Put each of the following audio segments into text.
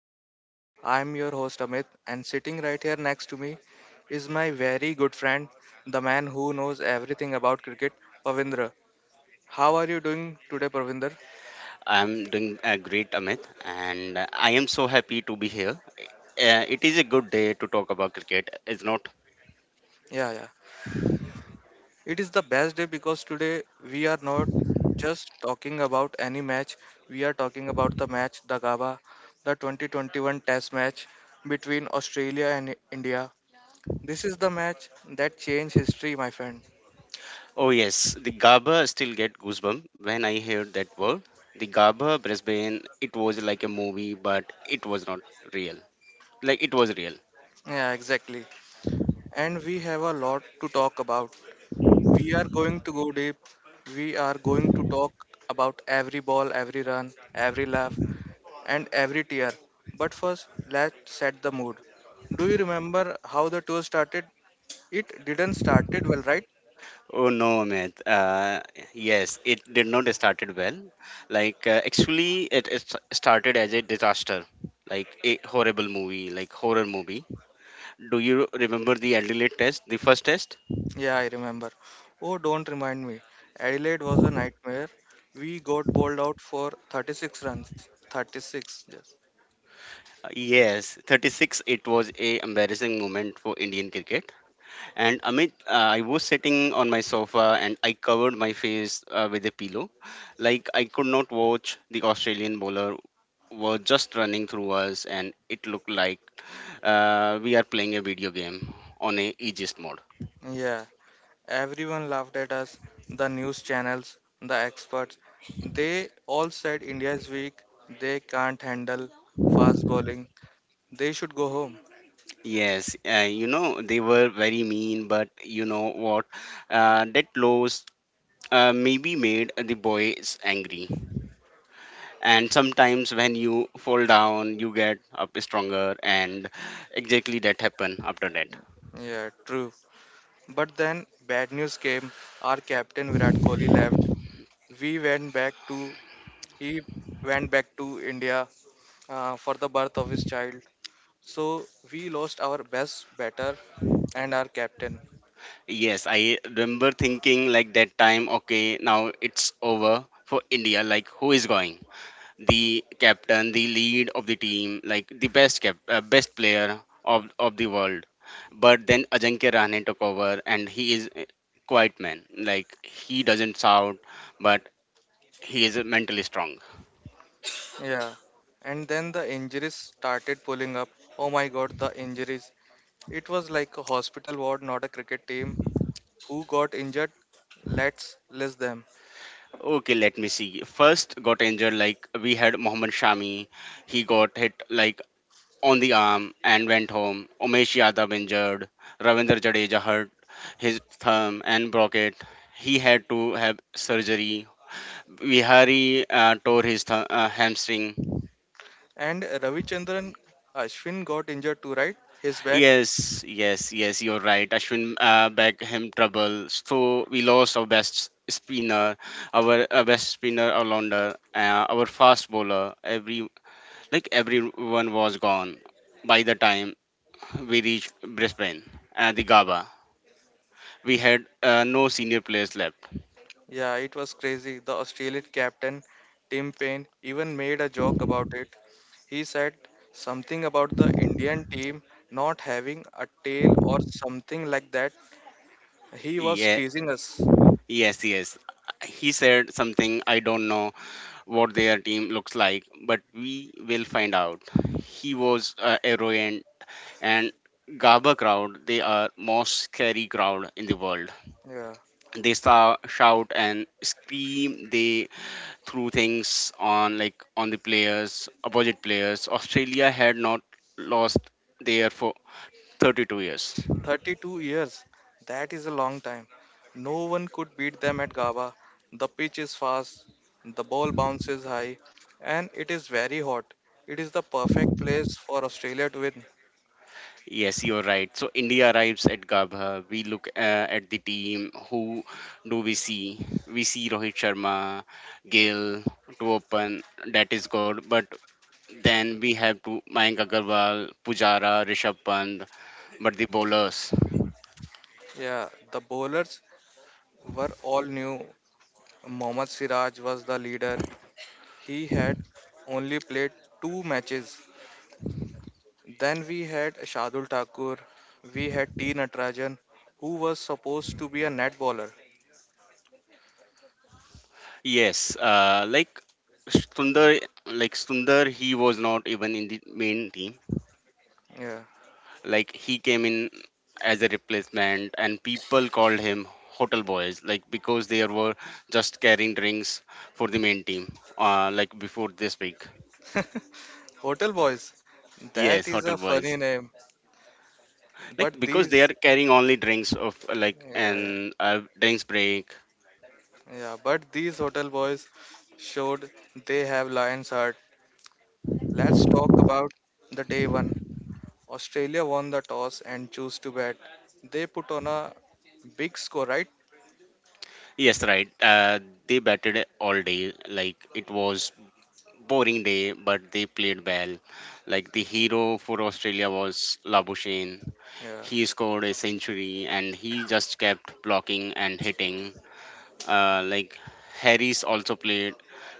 to the show. I'm your host Amit, and sitting right here next to me is my very good friend, the man who knows everything about cricket, Pavindra. How are you doing today, Pavindra? I'm doing great, Amit, and I am so happy to be here. It is a good day to talk about cricket, is not? Yeah, yeah. It is the best day because today we are not just talking about any match. We are talking about the match, the GABA, the 2021 Test match between Australia and India. This is the match that changed history, my friend. Oh yes, the Gabba still get goosebumps when I heard that word. The Gabba Brisbane, it was like a movie, but it was not real. Like it was real. Yeah, exactly. And we have a lot to talk about. We are going to go deep. We are going to talk about every ball, every run, every laugh, and every tear. But first, let's set the mood. Do you remember how the tour started? It didn't started well, right? Oh no, Amit. Yes, it did not started well. Like actually, it started as a disaster, like a horrible movie, like horror movie. Do you remember the Adelaide test, the first test? Yeah, I remember. Oh, don't remind me. Adelaide was a nightmare. We got bowled out for 36 runs. 36, yes. Yes, 36. It was a embarrassing moment for Indian cricket. And Amit, I was sitting on my sofa and I covered my face with a pillow, like I could not watch the Australian bowler were just running through us, and it looked like we are playing a video game on a aegis mode. Yeah. Everyone laughed at us, the news channels, the experts. They all said India is weak, they can't handle fast bowling, they should go home. Yes, you know, they were very mean, but you know what? That loss maybe made the boys angry, and sometimes when you fall down you get up stronger, and exactly that happened after that. Yeah, true. But then bad news came. Our captain Virat Kohli left. We went back to he went back to India for the birth of his child. So we lost our best batter and our captain. Yes, I remember thinking like that time, okay, now it's over for India. Like who is going, the captain, the lead of the team, like the best best player of the world. But then Ajinkya Rahane took over, and he is a quiet man. Like he doesn't shout, but he is mentally strong. Yeah. And then the injuries started pulling up. Oh my God, the injuries. It was like a hospital ward, not a cricket team. Who got injured? Let's list them. Okay, let me see. First got injured, like we had Mohammad Shami. He got hit like on the arm and went home. Umesh Yadav injured. Ravindra Jadeja hurt his thumb and broke it. He had to have surgery. Vihari tore his hamstring. And Ravichandran Ashwin got injured too, right? His back? Yes, yes, yes, you're right. Ashwin back him trouble. So we lost our best spinner, our best spinner, our launder, our fast bowler. Every Like everyone was gone by the time we reached Brisbane and the Gaba. We had no senior players left. Yeah, it was crazy. The Australian captain, Tim Payne, even made a joke about it. He said something about the Indian team not having a tail or something like that. He was Yeah, teasing us. yes, yes. He said something, I don't know what their team looks like, but we will find out. He was arrogant, and Gaba crowd. They are most scary crowd in the world. Yeah. They saw, shout and scream. They through things on like on the players, opposite players. Australia had not lost there for 32 years. 32 years. That is a long time. No one could beat them at GABA. The pitch is fast, the ball bounces high, and it is very hot. It is the perfect place for Australia to win. Yes, you're right. So India arrives at Gabha. We look at the team. Who do we see? We see Rohit Sharma, Gill to open. That is good. But then we have to Mayank Agarwal, Pujara, Rishabh Pant. But the bowlers. Yeah, the bowlers were all new. Mohammad Siraj was the leader. He had only played two matches. Then we had Shadul Thakur. We had T Natarajan, who was supposed to be a net bowler. Yes, like Sundar, he was not even in the main team. Yeah. Like he came in as a replacement, and people called him hotel boys, like because they were just carrying drinks for the main team, like before this week. Hotel Boys. Yes, That is hotel a boys, funny name. like But because they are these, carrying only drinks of like yeah, yeah, an drinks break. yeah, but these Hotel Boys showed they have lion's heart. Let's talk about the day one. Australia won the toss and chose to bat. They put on a big score, right? Yes, right. They batted all day, like it was boring day, but they played well. Like the hero for Australia was Labuschagne. Yeah, He scored a century and he just kept blocking and hitting. Like Harris also played,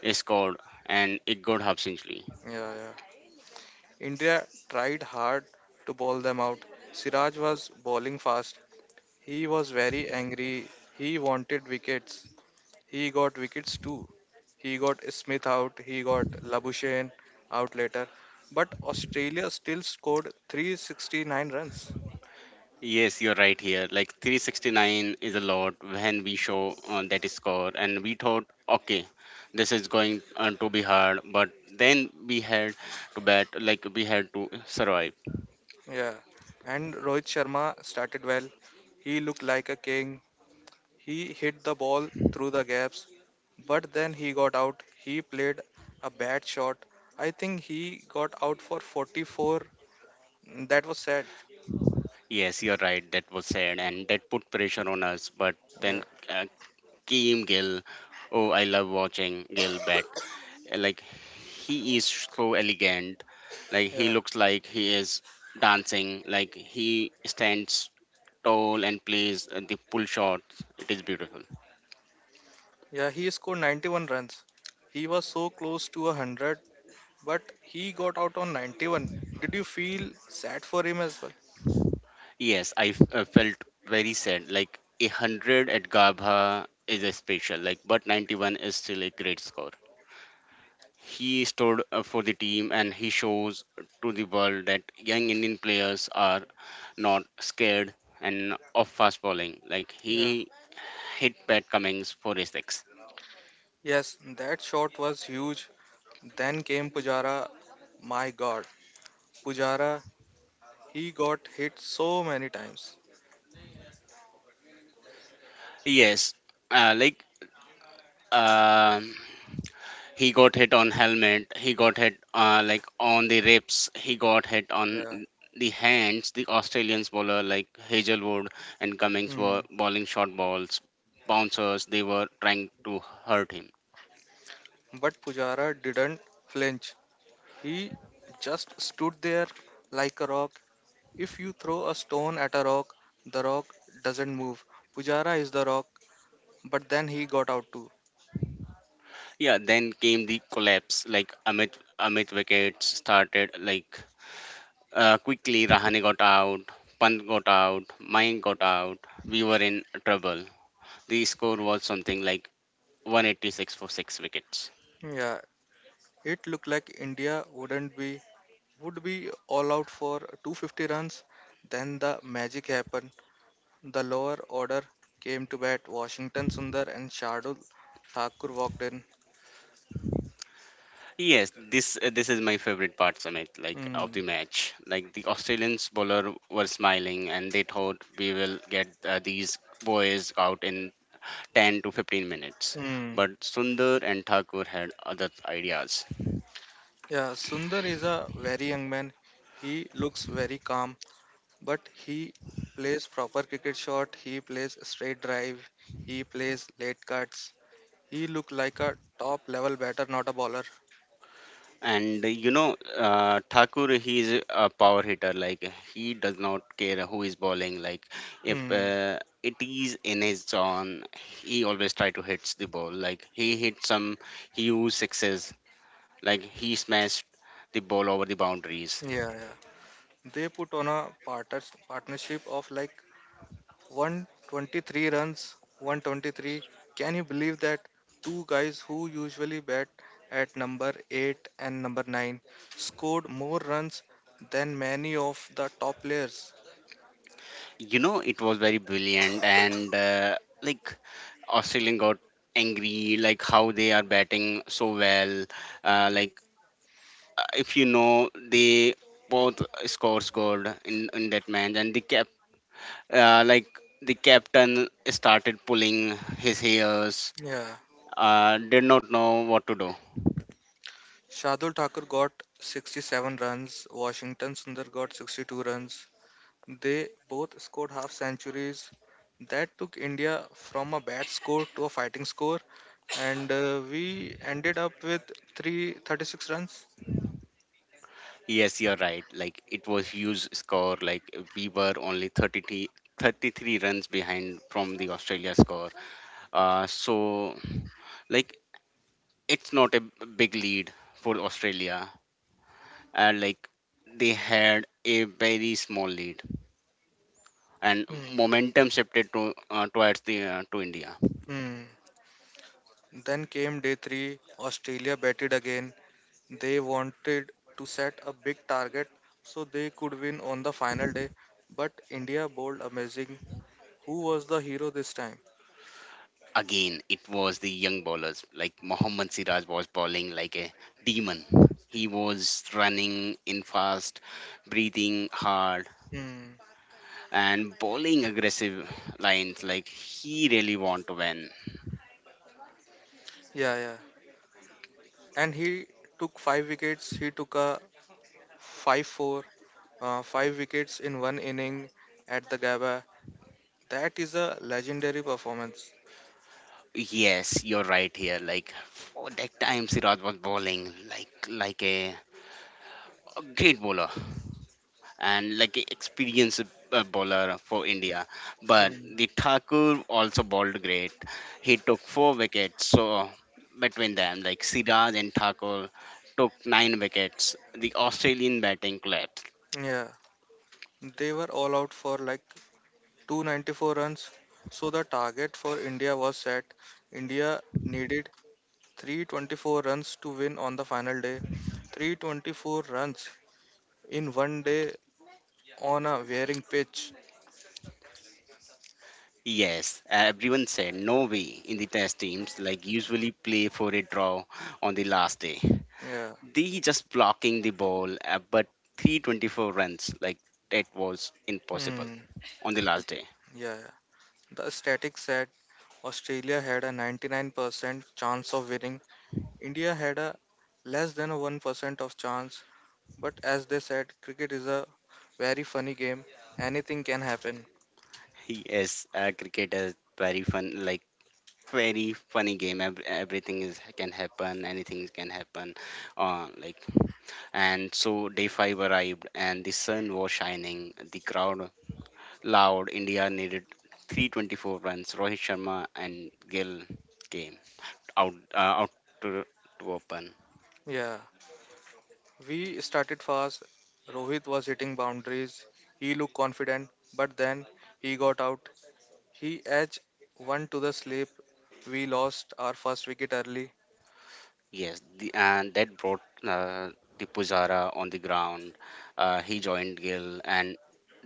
a scored and a good half century. yeah, yeah. India tried hard to bowl them out. Siraj was bowling fast. He was very angry. He wanted wickets. He got wickets too. He got Smith out, he got Labuschagne out later. But Australia still scored 369 runs. Yes, you're right here. Like 369 is a lot when we show that score, and we thought, okay, this is going to be hard, but then we had to bat, like we had to survive. Yeah. And Rohit Sharma started well. He looked like a king. He hit the ball through the gaps. But then he got out. He played a bad shot. I think he got out for 44. That was sad. Yes, you're right. That was said, and that put pressure on us. But then Yeah. uh, Kim Gill, oh, I love watching Gill bat. Like he is so elegant. Like he Yeah. looks like he is dancing. Like he stands tall and plays the pull shot. It is beautiful. Yeah. He scored 91 runs. He was so close to a 100, but he got out on 91. Did you feel sad for him as well? Yes, I felt very sad. Like a hundred at Gabha is a special. Like, but 91 is still a great score. He stood for the team and he shows to the world that young Indian players are not scared and of fast bowling. Like Yeah. he hit Pat Cummings for his six. Yes, that shot was huge. Then came Pujara. My God, Pujara, he got hit so many times. Yes, like um he got hit on helmet. He got hit like on the ribs. He got hit on Yeah. the hands. The Australians bowler like Hazelwood and Cummings Hmm. were bowling short balls. Bouncers they were trying to hurt him. But Pujara didn't flinch. He just stood there like a rock. If you throw a stone at a rock, the rock doesn't move. Pujara is the rock, but then he got out too. Yeah, then came the collapse. Like Amit, wickets started. Like quickly, Rahane got out, Pant got out, Mayank got out. We were in trouble. The score was something like 186 for six wickets. Yeah, it looked like India wouldn't be would be all out for 250 runs. Then the magic happened. The lower order came to bat. Washington Sundar and Shardul Thakur walked in. Yes, this is my favorite part, Amit. Like of the Mm. match, like the Australians bowler were smiling and they thought we will get these boys out in 10 to 15 minutes. Mm. But Sundar and Thakur had other ideas. Yeah, Sundar is a very young man. He looks very calm, but he plays proper cricket shot. He plays straight drive. He plays late cuts. He look like a top level batter, not a bowler. And you know, Thakur, he is a power hitter. Like he does not care who is bowling. Like if Hmm. It is in his zone, he always try to hits the ball. Like he hit some huge sixes. Like he smashed the ball over the boundaries. Yeah, yeah. They put on a partnership of like 123 runs, 123. Can you believe that two guys who usually bat at number 8 and number 9 scored more runs than many of the top players? You know, it was very brilliant. And like Australian got angry, like how they are batting so well. Uh, like if you know they both scores good in that match and the cap like the captain started pulling his hairs, Yeah. Did not know what to do. Shardul Thakur got 67 runs, Washington Sundar got 62 runs. They both scored half centuries. That took India from a bad score to a fighting score, and we ended up with 336 36 runs. Yes, you're right, like it was huge score. Like we were only thirty 33 runs behind from the Australia score, so like it's not a big lead for Australia, and like they had a very small lead, and Hmm. momentum shifted to towards the to India. Hmm. Then came day three. Australia batted again. They wanted to set a big target so they could win on the final day. But India bowled amazing. Who was the hero this time? Again, it was the young bowlers. Like Mohammad Siraj was bowling like a demon. He was running in fast, breathing hard, Hmm. and bowling aggressive lines like he really want to win. Yeah, yeah. And he took five wickets. He took 5-4, five wickets in one inning at the Gabba. That is a legendary performance. Yes, you're right here. Like for that time, Siraj was bowling like a great bowler. And like experienced bowler for India. But Hmm. the Thakur also bowled great. He took 4 wickets. So between them, like Siraj and Thakur took 9 wickets. The Australian batting collapsed. Yeah. They were all out for like 294 runs. So the target for India was set. India needed 324 runs to win on the final day. 324 runs in one day on a wearing pitch. Yes, everyone said no way. In the test teams like usually play for a draw on the last day. Yeah. They just blocking the ball, but 324 runs like that was impossible Hmm. on the last day. Yeah. Yeah. The static said Australia had a 99% chance of winning. India had a less than a 1% of chance. But as they said, cricket is a very funny game. Anything can happen. Yes, cricket is very fun, like very funny game. Everything is can happen, anything can happen. Uh, like and so day five arrived, and the sun was shining. The crowd loud. India needed 324 runs. Rohit Sharma and Gill came out out to to open. Yeah. We started fast. Rohit was hitting boundaries. He looked confident, but then he got out. He edged one to the slip. We lost our first wicket early. Yes, the, and that brought the Pujara on the ground. He joined Gill, and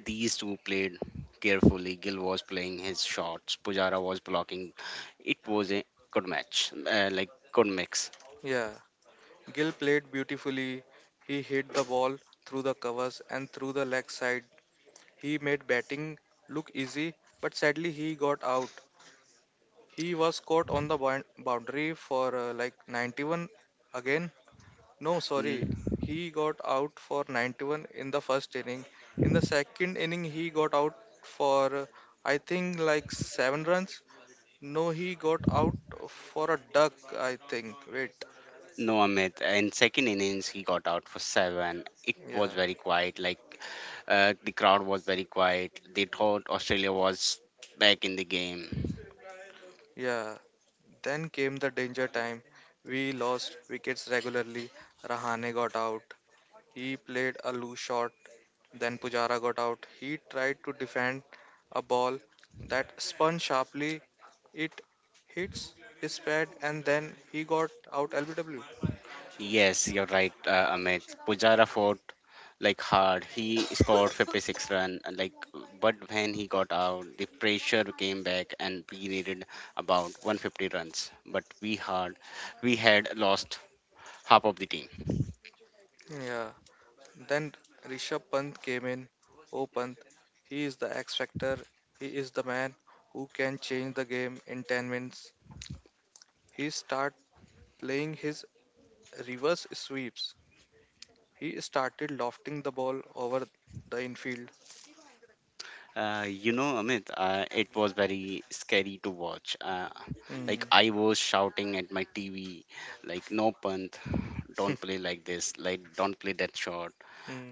these two played carefully. Gill was playing his shots, Pujara was blocking. It was a good match, like good mix. Yeah. Gill played beautifully. He hit the ball through the covers and through the leg side. He made batting look easy, but sadly he got out. He was caught on the boundary for like 91 again. No, sorry. Mm, He got out for 91 in the first inning. In the second inning, he got out for I think like seven runs. No, he got out for a duck, I think. Wait, no, Amit. In second innings, he got out for seven. It was yeah, very quiet. Like the crowd was very quiet. They thought Australia was back in the game. yeah. Then came the danger time. We lost wickets regularly. Rahane got out. He played a loose shot. Then Pujara got out. He tried to defend a ball that spun sharply. It hits his pad and then he got out LBW. Yes, you're right, Amit. Pujara fought like hard. He scored 56 run, and, like but when he got out, the pressure came back, and we needed about 150 runs. But we had lost half of the team. Yeah. Then Rishabh Pant came in. Oh, Pant, he is the X factor. He is the man who can change the game in 10 minutes. He start playing his reverse sweeps. He started lofting the ball over the infield. You know, Amit, it was very scary to watch. Like Hmm. I was shouting at my TV, like no Pant, don't play like this, like don't play that shot. Hmm.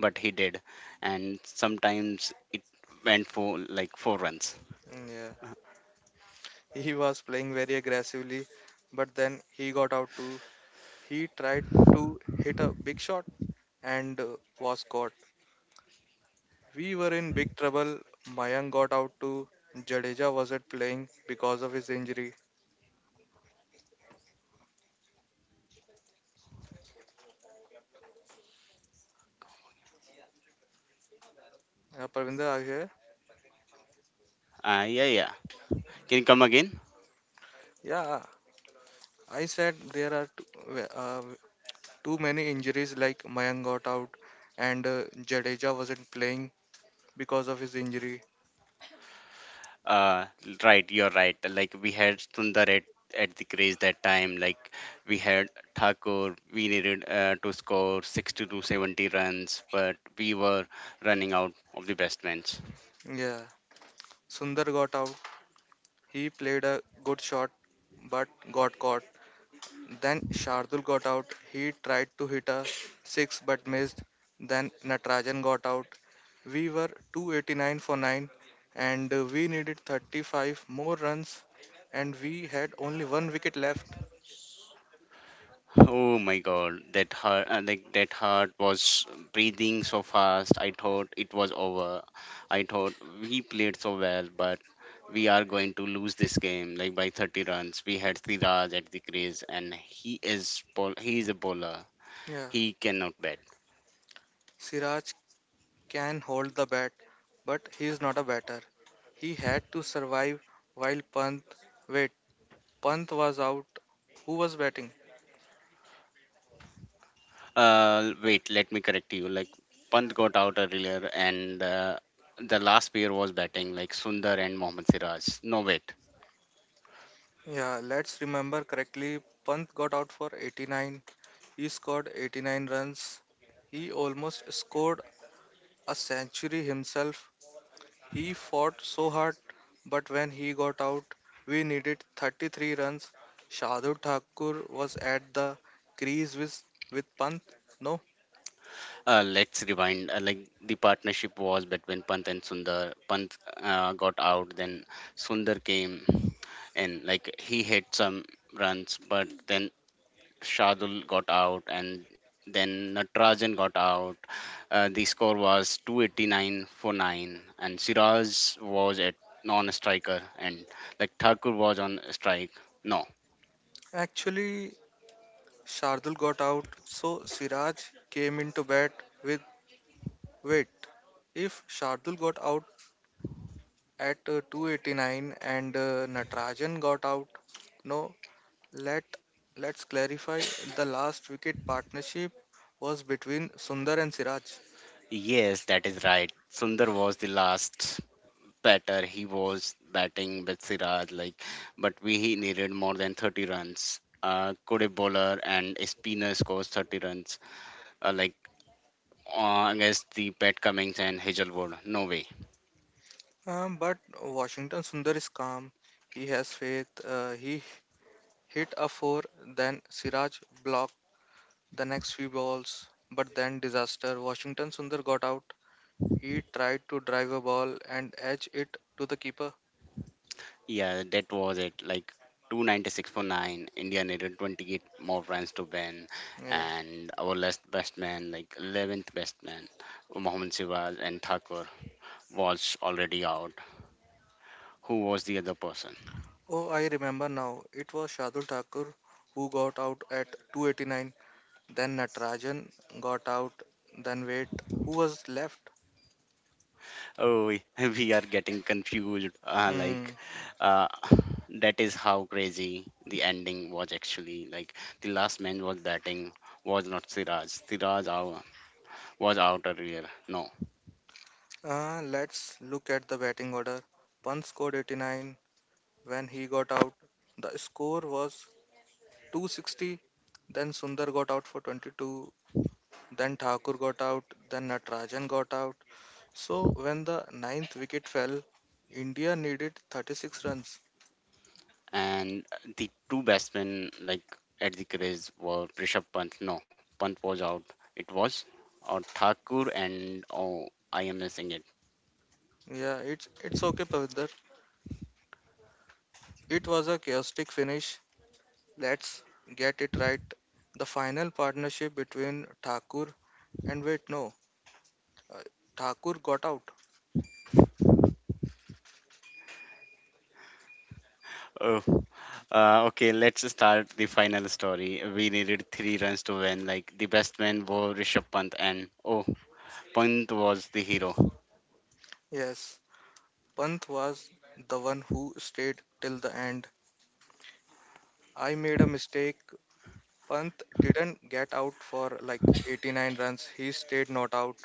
But he did, and sometimes it went for like four runs. Yeah. He was playing very aggressively, but then he got out too. He tried to hit a big shot and was caught. We were in big trouble. Mayank got out too. Jadeja wasn't playing because of his injury. Yeah, Parvinder, are you here? Yeah, yeah. Can you come again? Yeah, I said there are uh, too many injuries like Mayank got out and Jadeja wasn't playing because of his injury. Uh, right, you're right. Like we had Sundar at the crease that time. Like we had Thakur. We needed to score 60 to 70 runs, but we were running out of the best men. Yeah, Sundar got out. He played a good shot but got caught. Then Shardul got out. He tried to hit a six but missed. Then Natarajan got out. We were 289 for 9 and we needed 35 more runs and we had only one wicket left. Oh my God, that heart, like that heart was breathing so fast. I thought it was over. I thought we played so well, but we are going to lose this game like by 30 runs. We had Siraj at the crease, and he is ball. He is a bowler. Yeah, He cannot bat. Siraj can hold the bat but he is not a batter. He had to survive. While Pant wait, Pant was out. Who was batting? Wait, let me correct you. Like Pant got out earlier, and the last pair was batting like Sundar and Mohammad Siraj. No wait. Yeah, let's remember correctly. Pant got out for 89. He scored 89 runs. He almost scored a century himself. He fought so hard, but when he got out, we needed 33 runs. Shardul Thakur was at the crease with Pant. No, Let's rewind. Like the partnership was between Pant and Sundar. Pant got out, then Sundar came, and like he hit some runs, but then Shardul got out, and then Natarajan got out. The score was 289 for nine, and Siraj was at non-striker, and like Thakur was on strike. No, actually, Shardul got out, so Siraj came into bat. With wait. If Shardul got out at 289 and Natarajan got out. No, let let's clarify the last wicket partnership was between Sundar and Siraj. yes, that is right. Sundar was the last better. He was batting with Siraj, like, but we he needed more than 30 runs. Could a bowler and a spinner scores 30 runs, uh, like against the Pat Cummings and Hazelwood? No way. But Washington Sundar is calm. He has faith. He hit a four, then Siraj blocked the next few balls. But then disaster. Washington Sundar got out. He tried to drive a ball and edge it to the keeper. Yeah, that was it. Like 296 for nine. India needed 28 more runs to win, Yeah. and our last best man, like 11th best man, Mohammad Siraj and Thakur was already out. Who was the other person? Oh, I remember now. It was Shardul Thakur who got out at 289, then Natarajan got out, then wait, who was left? Oh, we we are getting confused. Hmm. Like, uh, that is how crazy the ending was actually. Like, the last man was batting was not Siraj. Siraj out, was out earlier. No, Let's look at the batting order. Pant scored 89 when he got out. The score was 260. Then Sundar got out for 22. Then Thakur got out. Then Natarajan got out. So when the ninth wicket fell, India needed 36 runs. and the two batsmen like at the crease were Rishabh Pant. No, Pant was out. It was or Thakur and oh, I am missing it. Yeah, it's okay, Pavindar. It was a chaotic finish. Let's get it right. The final partnership between Thakur and wait, no, uh, Thakur got out. Oh. Okay, let's start the final story. We needed 3 runs to win. Like the best man was Rishabh Pant, and oh, Pant was the hero. Yes, Panth was the one who stayed till the end. I made a mistake. Panth didn't get out for like 89 runs. He stayed not out.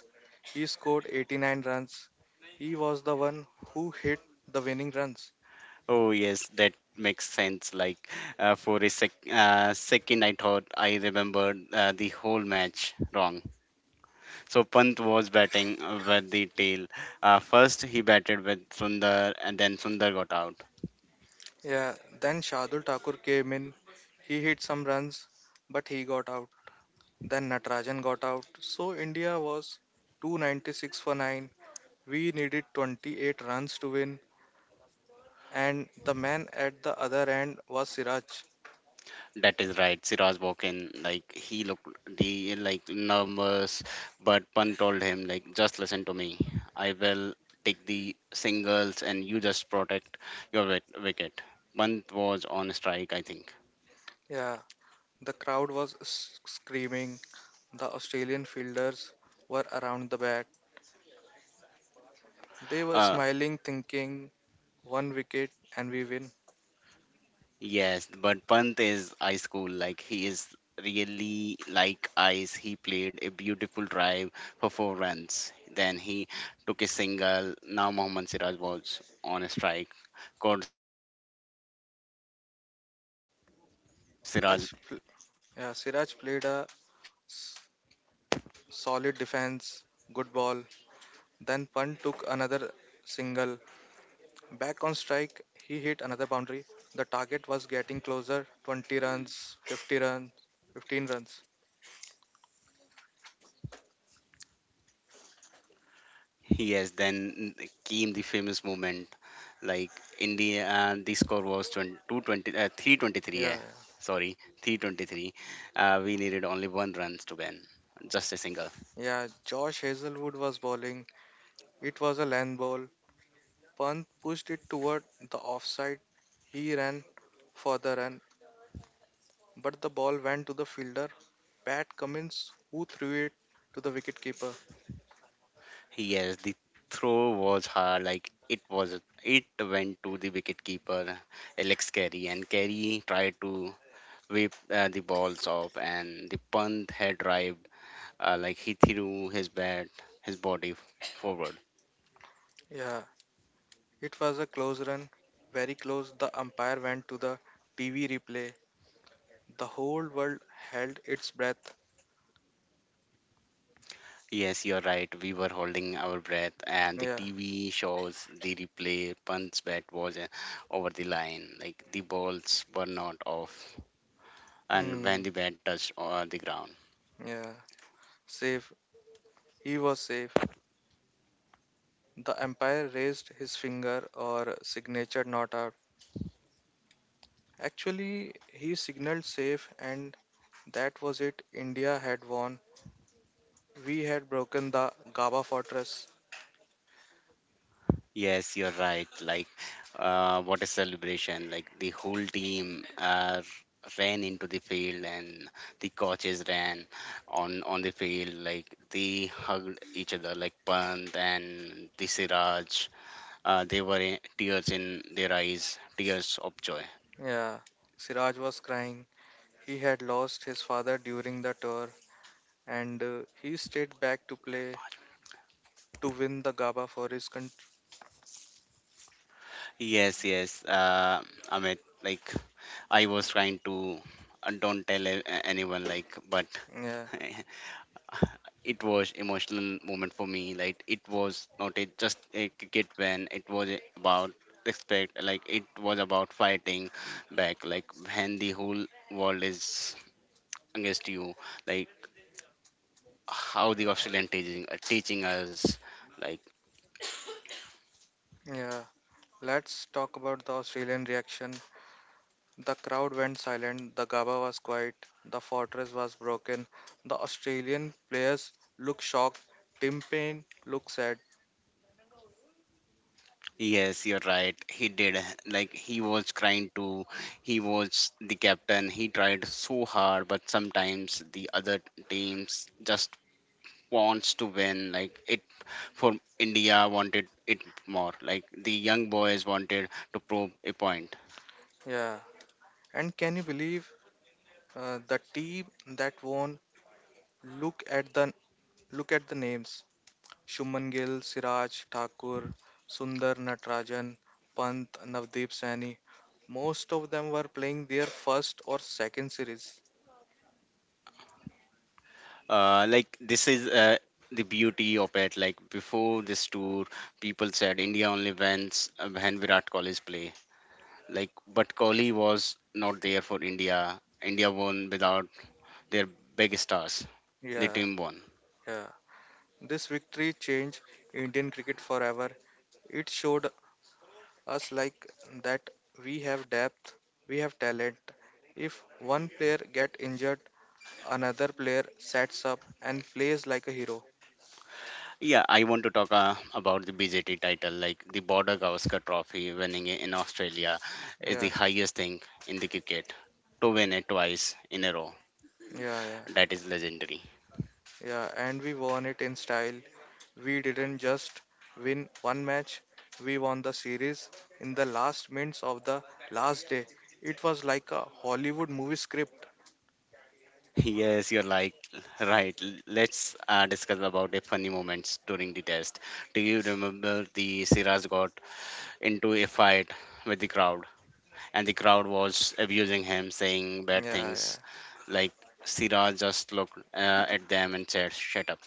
He scored 89 runs. He was the one who hit the winning runs. Oh yes, that makes sense. Like for a second, I thought I remembered the whole match wrong. So Pant was batting with the tail. First he batted with Sundar, and then Sundar got out. Yeah, then Shardul Thakur came in. He hit some runs, but he got out. Then Natarajan got out, so India was 296 for 9. We needed 28 runs to win, and the man at the other end was Siraj. That is right, Siraj Walken. Like he looked the like nervous, but Pan told him like just listen to me. I will take the singles and you just protect your wicket. Pant was on strike, I think. Yeah, the crowd was screaming. The Australian fielders were around the bat. They were Uh smiling, thinking, one wicket and we win. yes, but Pant is ice school. Like he is really like ice. He played a beautiful drive for 4 runs. Then he took a single. Now Mohammad Siraj was on a strike. Called Siraj blocked the bat coming. Yeah, Siraj played a s- solid defense, good ball. Then Punt took another single. Back on strike, he hit another boundary. The target was getting closer: 20 runs, 50 runs, 15 runs. Yes, then mm, came the famous moment. Like in the score was 20, 220, 323. Yeah. Sorry, Yeah, yeah. 323. We needed only 1 runs to win, just a single. Yeah, Josh Hazelwood was bowling. It was a land ball. Pant pushed it toward the offside. He ran for the run, but the ball went to the fielder, Pat Cummins, who threw it to the wicketkeeper. Yes, the throw was hard. Like it was, it went to the wicketkeeper Alex Carey, and Carey tried to whip the balls off, and the punt had arrived. Like he threw his bat, his body forward. Yeah, it was a close run, very close. The umpire went to the TV replay. The whole world held its breath. Yes, you're right. We were holding our breath, and the Yeah, TV shows the replay. Punts bat was over the line, like the balls were not off, and Hmm. when the bat touched the ground. Yeah. Safe. He was safe. The umpire raised his finger or signature not out. Actually, he signaled safe, and that was it. India had won. We had broken the Gaba fortress. Yes, you're right. Like, what a celebration! Like the whole team ran into the field, and the coaches ran on the field. Like they hugged each other, like Pant and the Siraj. There were tears in their eyes, tears of joy. Yeah. Siraj was crying. He had lost his father during the tour, and he stayed back to play to win the Gaba for his country. Yes, yes, Amit. Like I was trying to don't tell anyone. Like, but Yeah. it was emotional moment for me. Like, it was not a, just a cricket when it was about respect. Like, it was about fighting back. Like when the whole world is against you. Like how the Australian teaching us. Like Yeah. Let's talk about the Australian reaction. The crowd went silent, the Gaba was quiet, the fortress was broken, the Australian players looked shocked, Tim Payne looked sad. yes, you're right. He did. Like, he was trying to, he was the captain. He tried so hard, but sometimes the other teams just wants to win. Like, it for India wanted it more. Like, the young boys wanted to prove a point. Yeah. And can you believe the team that won? Look at the names. Shubman Gill, Siraj Thakur, Sundar Natarajan, Pant, Navdeep Saini. Most of them were playing their first or second series. Like, this is the beauty of it. Like, before this tour, people said India only wins when Virat Kohli's play. Like, but Kohli was not there for India. India won without their big stars, the Yeah, team won. yeah. This victory changed Indian cricket forever. It showed us like that we have depth, we have talent. If one player get injured, another player sets up and plays like a hero. Yeah, I want to talk about the BJT title, like the Border Gavaskar Trophy winning in Australia is the Yeah, highest thing in the cricket. To win it twice in a row, yeah, yeah, that is legendary. yeah. And we won it in style. We didn't just win one match, we won the series in the last minutes of the last day. It was like a Hollywood movie script. Yes, you're like right. Let's discuss about the funny moments during the test. Do you remember the Siraj got into a fight with the crowd and the crowd was abusing him, saying bad Yeah, things. Like Siraj just looked at them and said, "Shut up."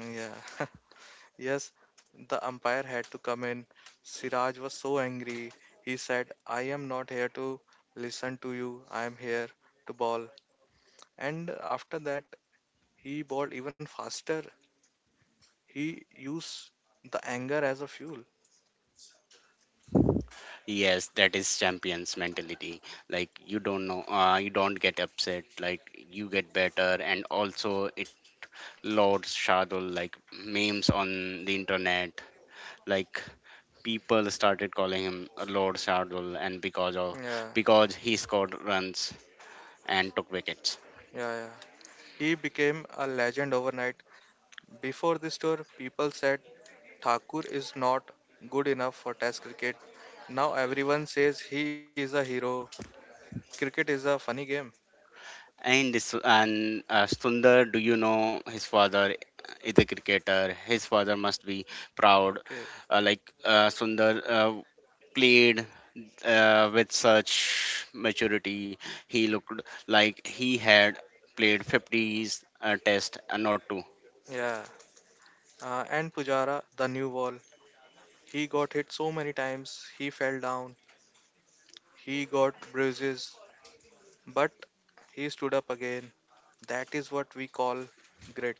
yeah, yeah. Yes, the umpire had to come in. Siraj was so angry. He said, I am not here to listen to you. I am here to ball. And after that, he balled even faster. He used the anger as a fuel. Yes, that is champions mentality. Like you don't know, you don't get upset. Like you get better, and also it loads Shardul like memes on the internet. Like people started calling him Lord Shardul, and because of Yeah, because he scored runs and took wickets. yeah, yeah. He became a legend overnight. Before this tour, people said Thakur is not good enough for Test cricket. Now everyone says he is a hero. Cricket is a funny game. And this and Sundar, do you know his father is a cricketer? His father must be proud. Okay. Like, Sundar played with such maturity. He looked like he had played 50s test and not two. Yeah. And Pujara, the new wall. He got hit so many times, he fell down, he got bruises, but he stood up again. That is what we call grit,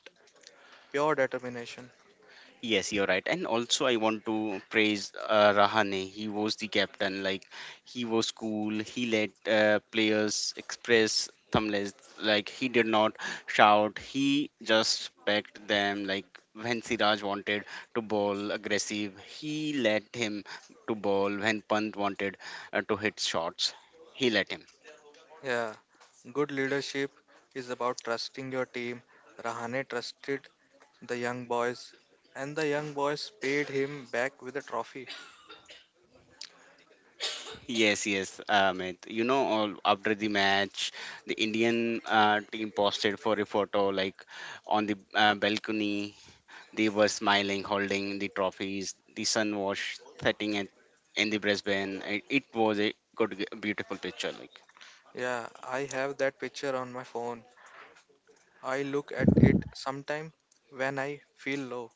pure determination. Yes, you're right. And also, I want to praise Rahane. He was the captain. Like, he was cool. He let players express thumbless. Like, he did not shout. He just backed them. Like, when Siraj wanted to bowl aggressive, he let him to bowl. When Pant wanted to hit shots, he let him. Yeah, good leadership is about trusting your team. Rahane trusted the young boys, and the young boys paid him back with a trophy. Yes, yes, Amit. You know, after the match, the Indian team posted for a photo like on the balcony. They were smiling, holding the trophies. The sun was setting at, in the Brisbane. It was a good, beautiful picture. Like Yeah, I have that picture on my phone. I look at it sometime when I feel low.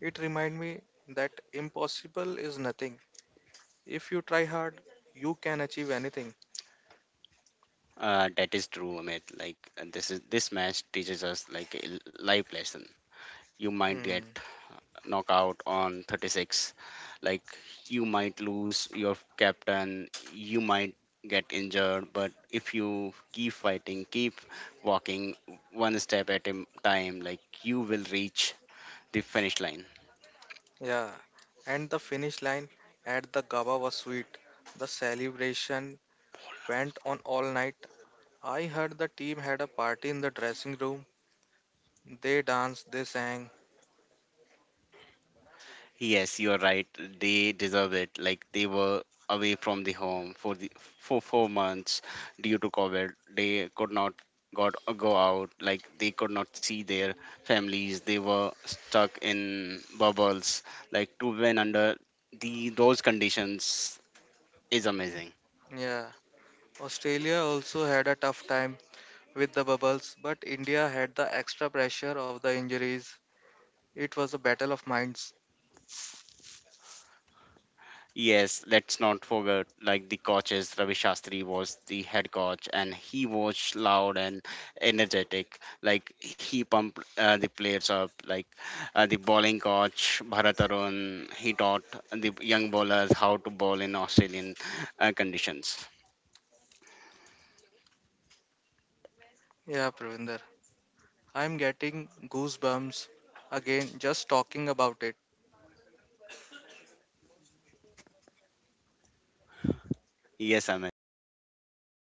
It reminded me that impossible is nothing. If you try hard, you can achieve anything. That is true, Amit. Like and this match teaches us like a life lesson. You might get Hmm. knock out on 36, like you might lose your captain, you might get injured, but if you keep fighting, keep walking one step at a time, like you will reach the finish line. Yeah. And the finish line at the Gaba was sweet. The celebration went on all night. I heard the team had a party in the dressing room. They danced, they sang. Yes, you're right. They deserve it. Like they were away from the home for the for 4 months due to COVID. They could not got go out. Like they could not see their families. They were stuck in bubbles. Like to win under the those conditions is amazing. Yeah. Australia also had a tough time with the bubbles, but India had the extra pressure of the injuries. It was a battle of minds. Yes, let's not forget like the coaches. Ravi Shastri was the head coach, and he was loud and energetic. Like he pumped the players up. The bowling coach Bharat Arun, he taught the young bowlers how to bowl in Australian conditions. Yeah, Pravinder. I'm getting goosebumps again just talking about it. Yes, Amit, I'm too.